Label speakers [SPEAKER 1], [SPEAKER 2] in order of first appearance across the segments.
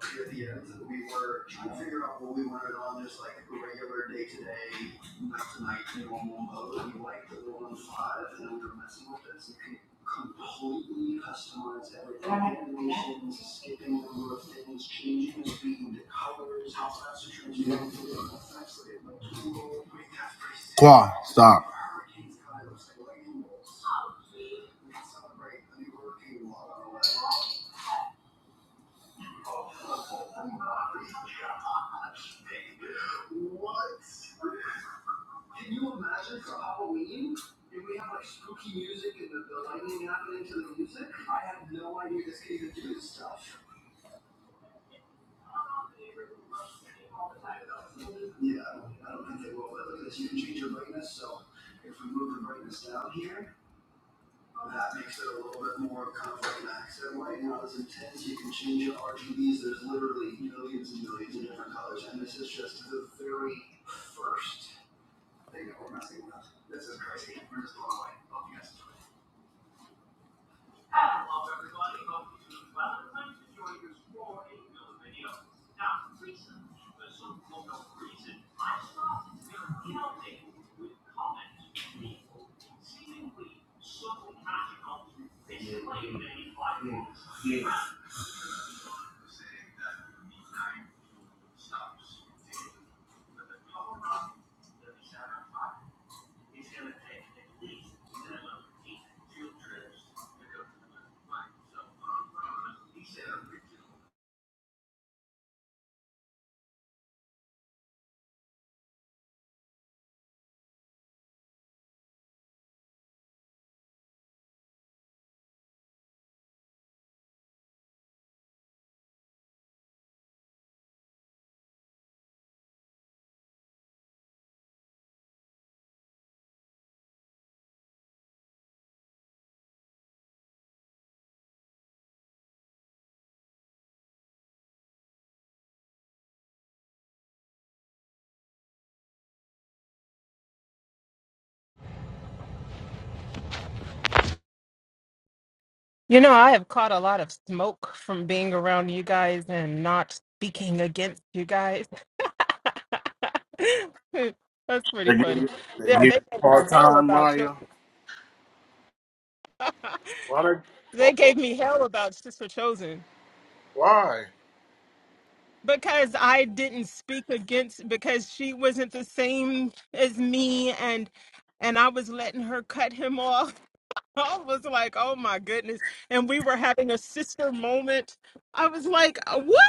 [SPEAKER 1] we stop.
[SPEAKER 2] You know, I have caught a lot of smoke from being around you guys and not speaking against you guys. That's pretty
[SPEAKER 1] They give
[SPEAKER 2] funny.
[SPEAKER 1] you, they give
[SPEAKER 2] Yeah,
[SPEAKER 1] you
[SPEAKER 2] they gave me
[SPEAKER 1] part
[SPEAKER 2] hell
[SPEAKER 1] time,
[SPEAKER 2] about
[SPEAKER 1] Maya.
[SPEAKER 2] children.
[SPEAKER 1] Why? They,
[SPEAKER 2] they gave me hell about Sister Chosen
[SPEAKER 1] why?
[SPEAKER 2] because I didn't speak against because she wasn't the same as me and and I was letting her cut him off. I was like, "Oh my goodness." And we were having a sister moment. I was like, "What?"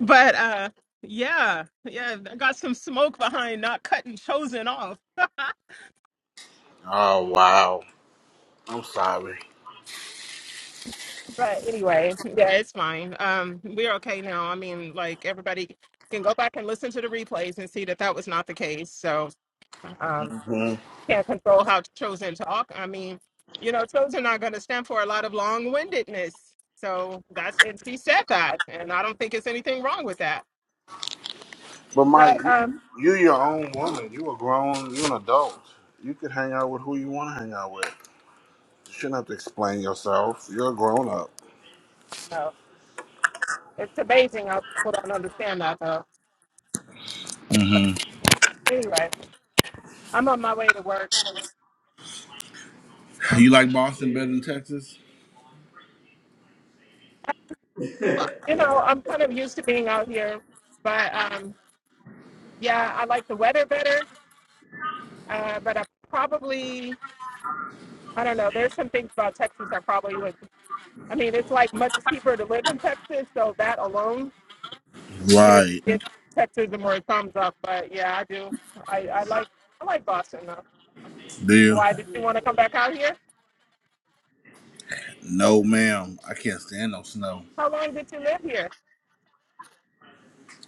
[SPEAKER 2] But uh yeah, yeah, I got some smoke behind not cutting chosen off.
[SPEAKER 1] Oh wow. I'm sorry.
[SPEAKER 2] But anyway, yeah, it's fine. Um we're okay now. I mean, like everybody can go back and listen to the replays and see that that was not the case. So, um
[SPEAKER 1] hmm
[SPEAKER 2] can't control how chosen talk. I mean, you know, chosen are going to stand for a lot of long-windedness. So, that's and she said that, and I don't think it's anything wrong with that.
[SPEAKER 1] But Maya,
[SPEAKER 2] But
[SPEAKER 1] you,
[SPEAKER 2] um
[SPEAKER 1] you your own woman. You a grown. You an adult. You could hang out with who you want to hang out with. You shouldn't have to explain yourself. You're a grown up.
[SPEAKER 2] no, it's amazing how people don't understand that though.
[SPEAKER 1] hmm
[SPEAKER 2] Anyway, I'm on my way to work. So,
[SPEAKER 1] You like Boston better than Texas?
[SPEAKER 2] you know, I'm kind of used to being out here, but um, yeah, I like the weather better. Uh, but I probably, I don't know. There's some things about Texas I probably would. I mean, it's like much cheaper to live in Texas, so that alone get
[SPEAKER 1] Right.
[SPEAKER 2] get Texas more a thumbs up. But yeah, I do. I, I like I like Boston though.
[SPEAKER 1] Do you?
[SPEAKER 2] Why did you want to come back out here?
[SPEAKER 1] No, ma'am. I can't stand no snow.
[SPEAKER 2] How long did you live here?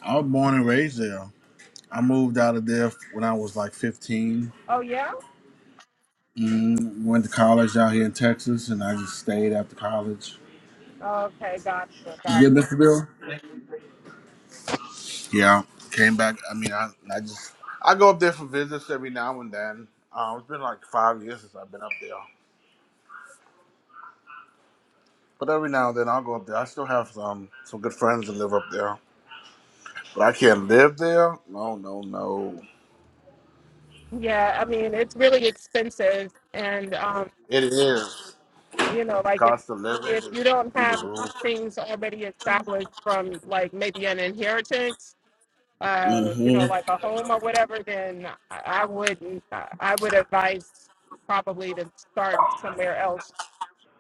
[SPEAKER 1] I was born and raised there. I moved out of there when I was like 15.
[SPEAKER 2] Oh yeah.
[SPEAKER 1] Mm, went to college out here in Texas, and I just stayed after college.
[SPEAKER 2] Okay, gotcha,
[SPEAKER 1] You good,
[SPEAKER 2] gotcha.
[SPEAKER 1] Mr. Bill? Yeah. Came back. I mean, I, I just I go up there for visits every now and then. Uh, it's been like five years since I've been up there, but every now and then I'll go up there. I still have some some good friends that live up there, but I can't live there. No, no, no.
[SPEAKER 2] Yeah, I mean it's really expensive, and um,
[SPEAKER 1] It is
[SPEAKER 2] you know like if
[SPEAKER 1] cost of living
[SPEAKER 2] if you
[SPEAKER 1] is
[SPEAKER 2] don't
[SPEAKER 1] through
[SPEAKER 2] have
[SPEAKER 1] the roof.
[SPEAKER 2] things already established from like maybe an inheritance uh you
[SPEAKER 1] Mm-hmm.
[SPEAKER 2] know like a home or whatever then i, I would i I would advise probably to start somewhere else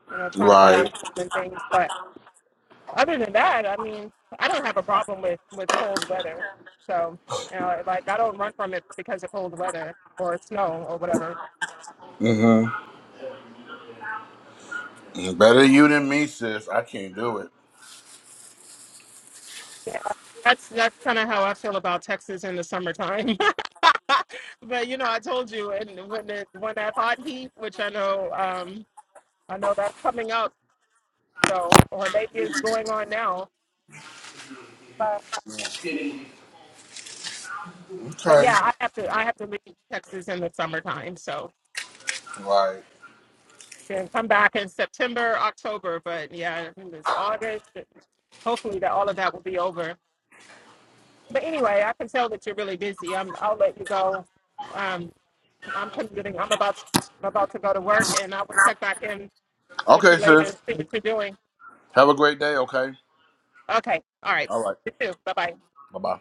[SPEAKER 2] you know trying to buy a
[SPEAKER 1] Right.
[SPEAKER 2] home and things but other than that i mean i don't have a problem with with cold weather so you know like i don't run from it because of cold weather or snow or whatever
[SPEAKER 1] Better you than me, sis. I can't do it.
[SPEAKER 2] Yeah, that's that's kind of how I feel about Texas in the summertime. but you know, I told you, and when it, when that hot heat, which I know, um, I know that's coming up, so or maybe it's going on now. But but
[SPEAKER 1] Okay.
[SPEAKER 2] yeah, I have to I have to leave Texas in the summertime, so
[SPEAKER 1] Like,
[SPEAKER 2] then come back in September, October. But yeah, it's August. Hopefully that all of that will be over. But anyway, I can tell that you're really busy. I'm, I'll let you go. Um, I'm commuting. I'm about to, I'm about to go to work, and I will check back in with you
[SPEAKER 1] Okay,
[SPEAKER 2] later
[SPEAKER 1] sis.
[SPEAKER 2] and see what you're doing.
[SPEAKER 1] Have a great day, okay?
[SPEAKER 2] Okay. All right.
[SPEAKER 1] All right.
[SPEAKER 2] You too. Bye bye.
[SPEAKER 1] Bye bye.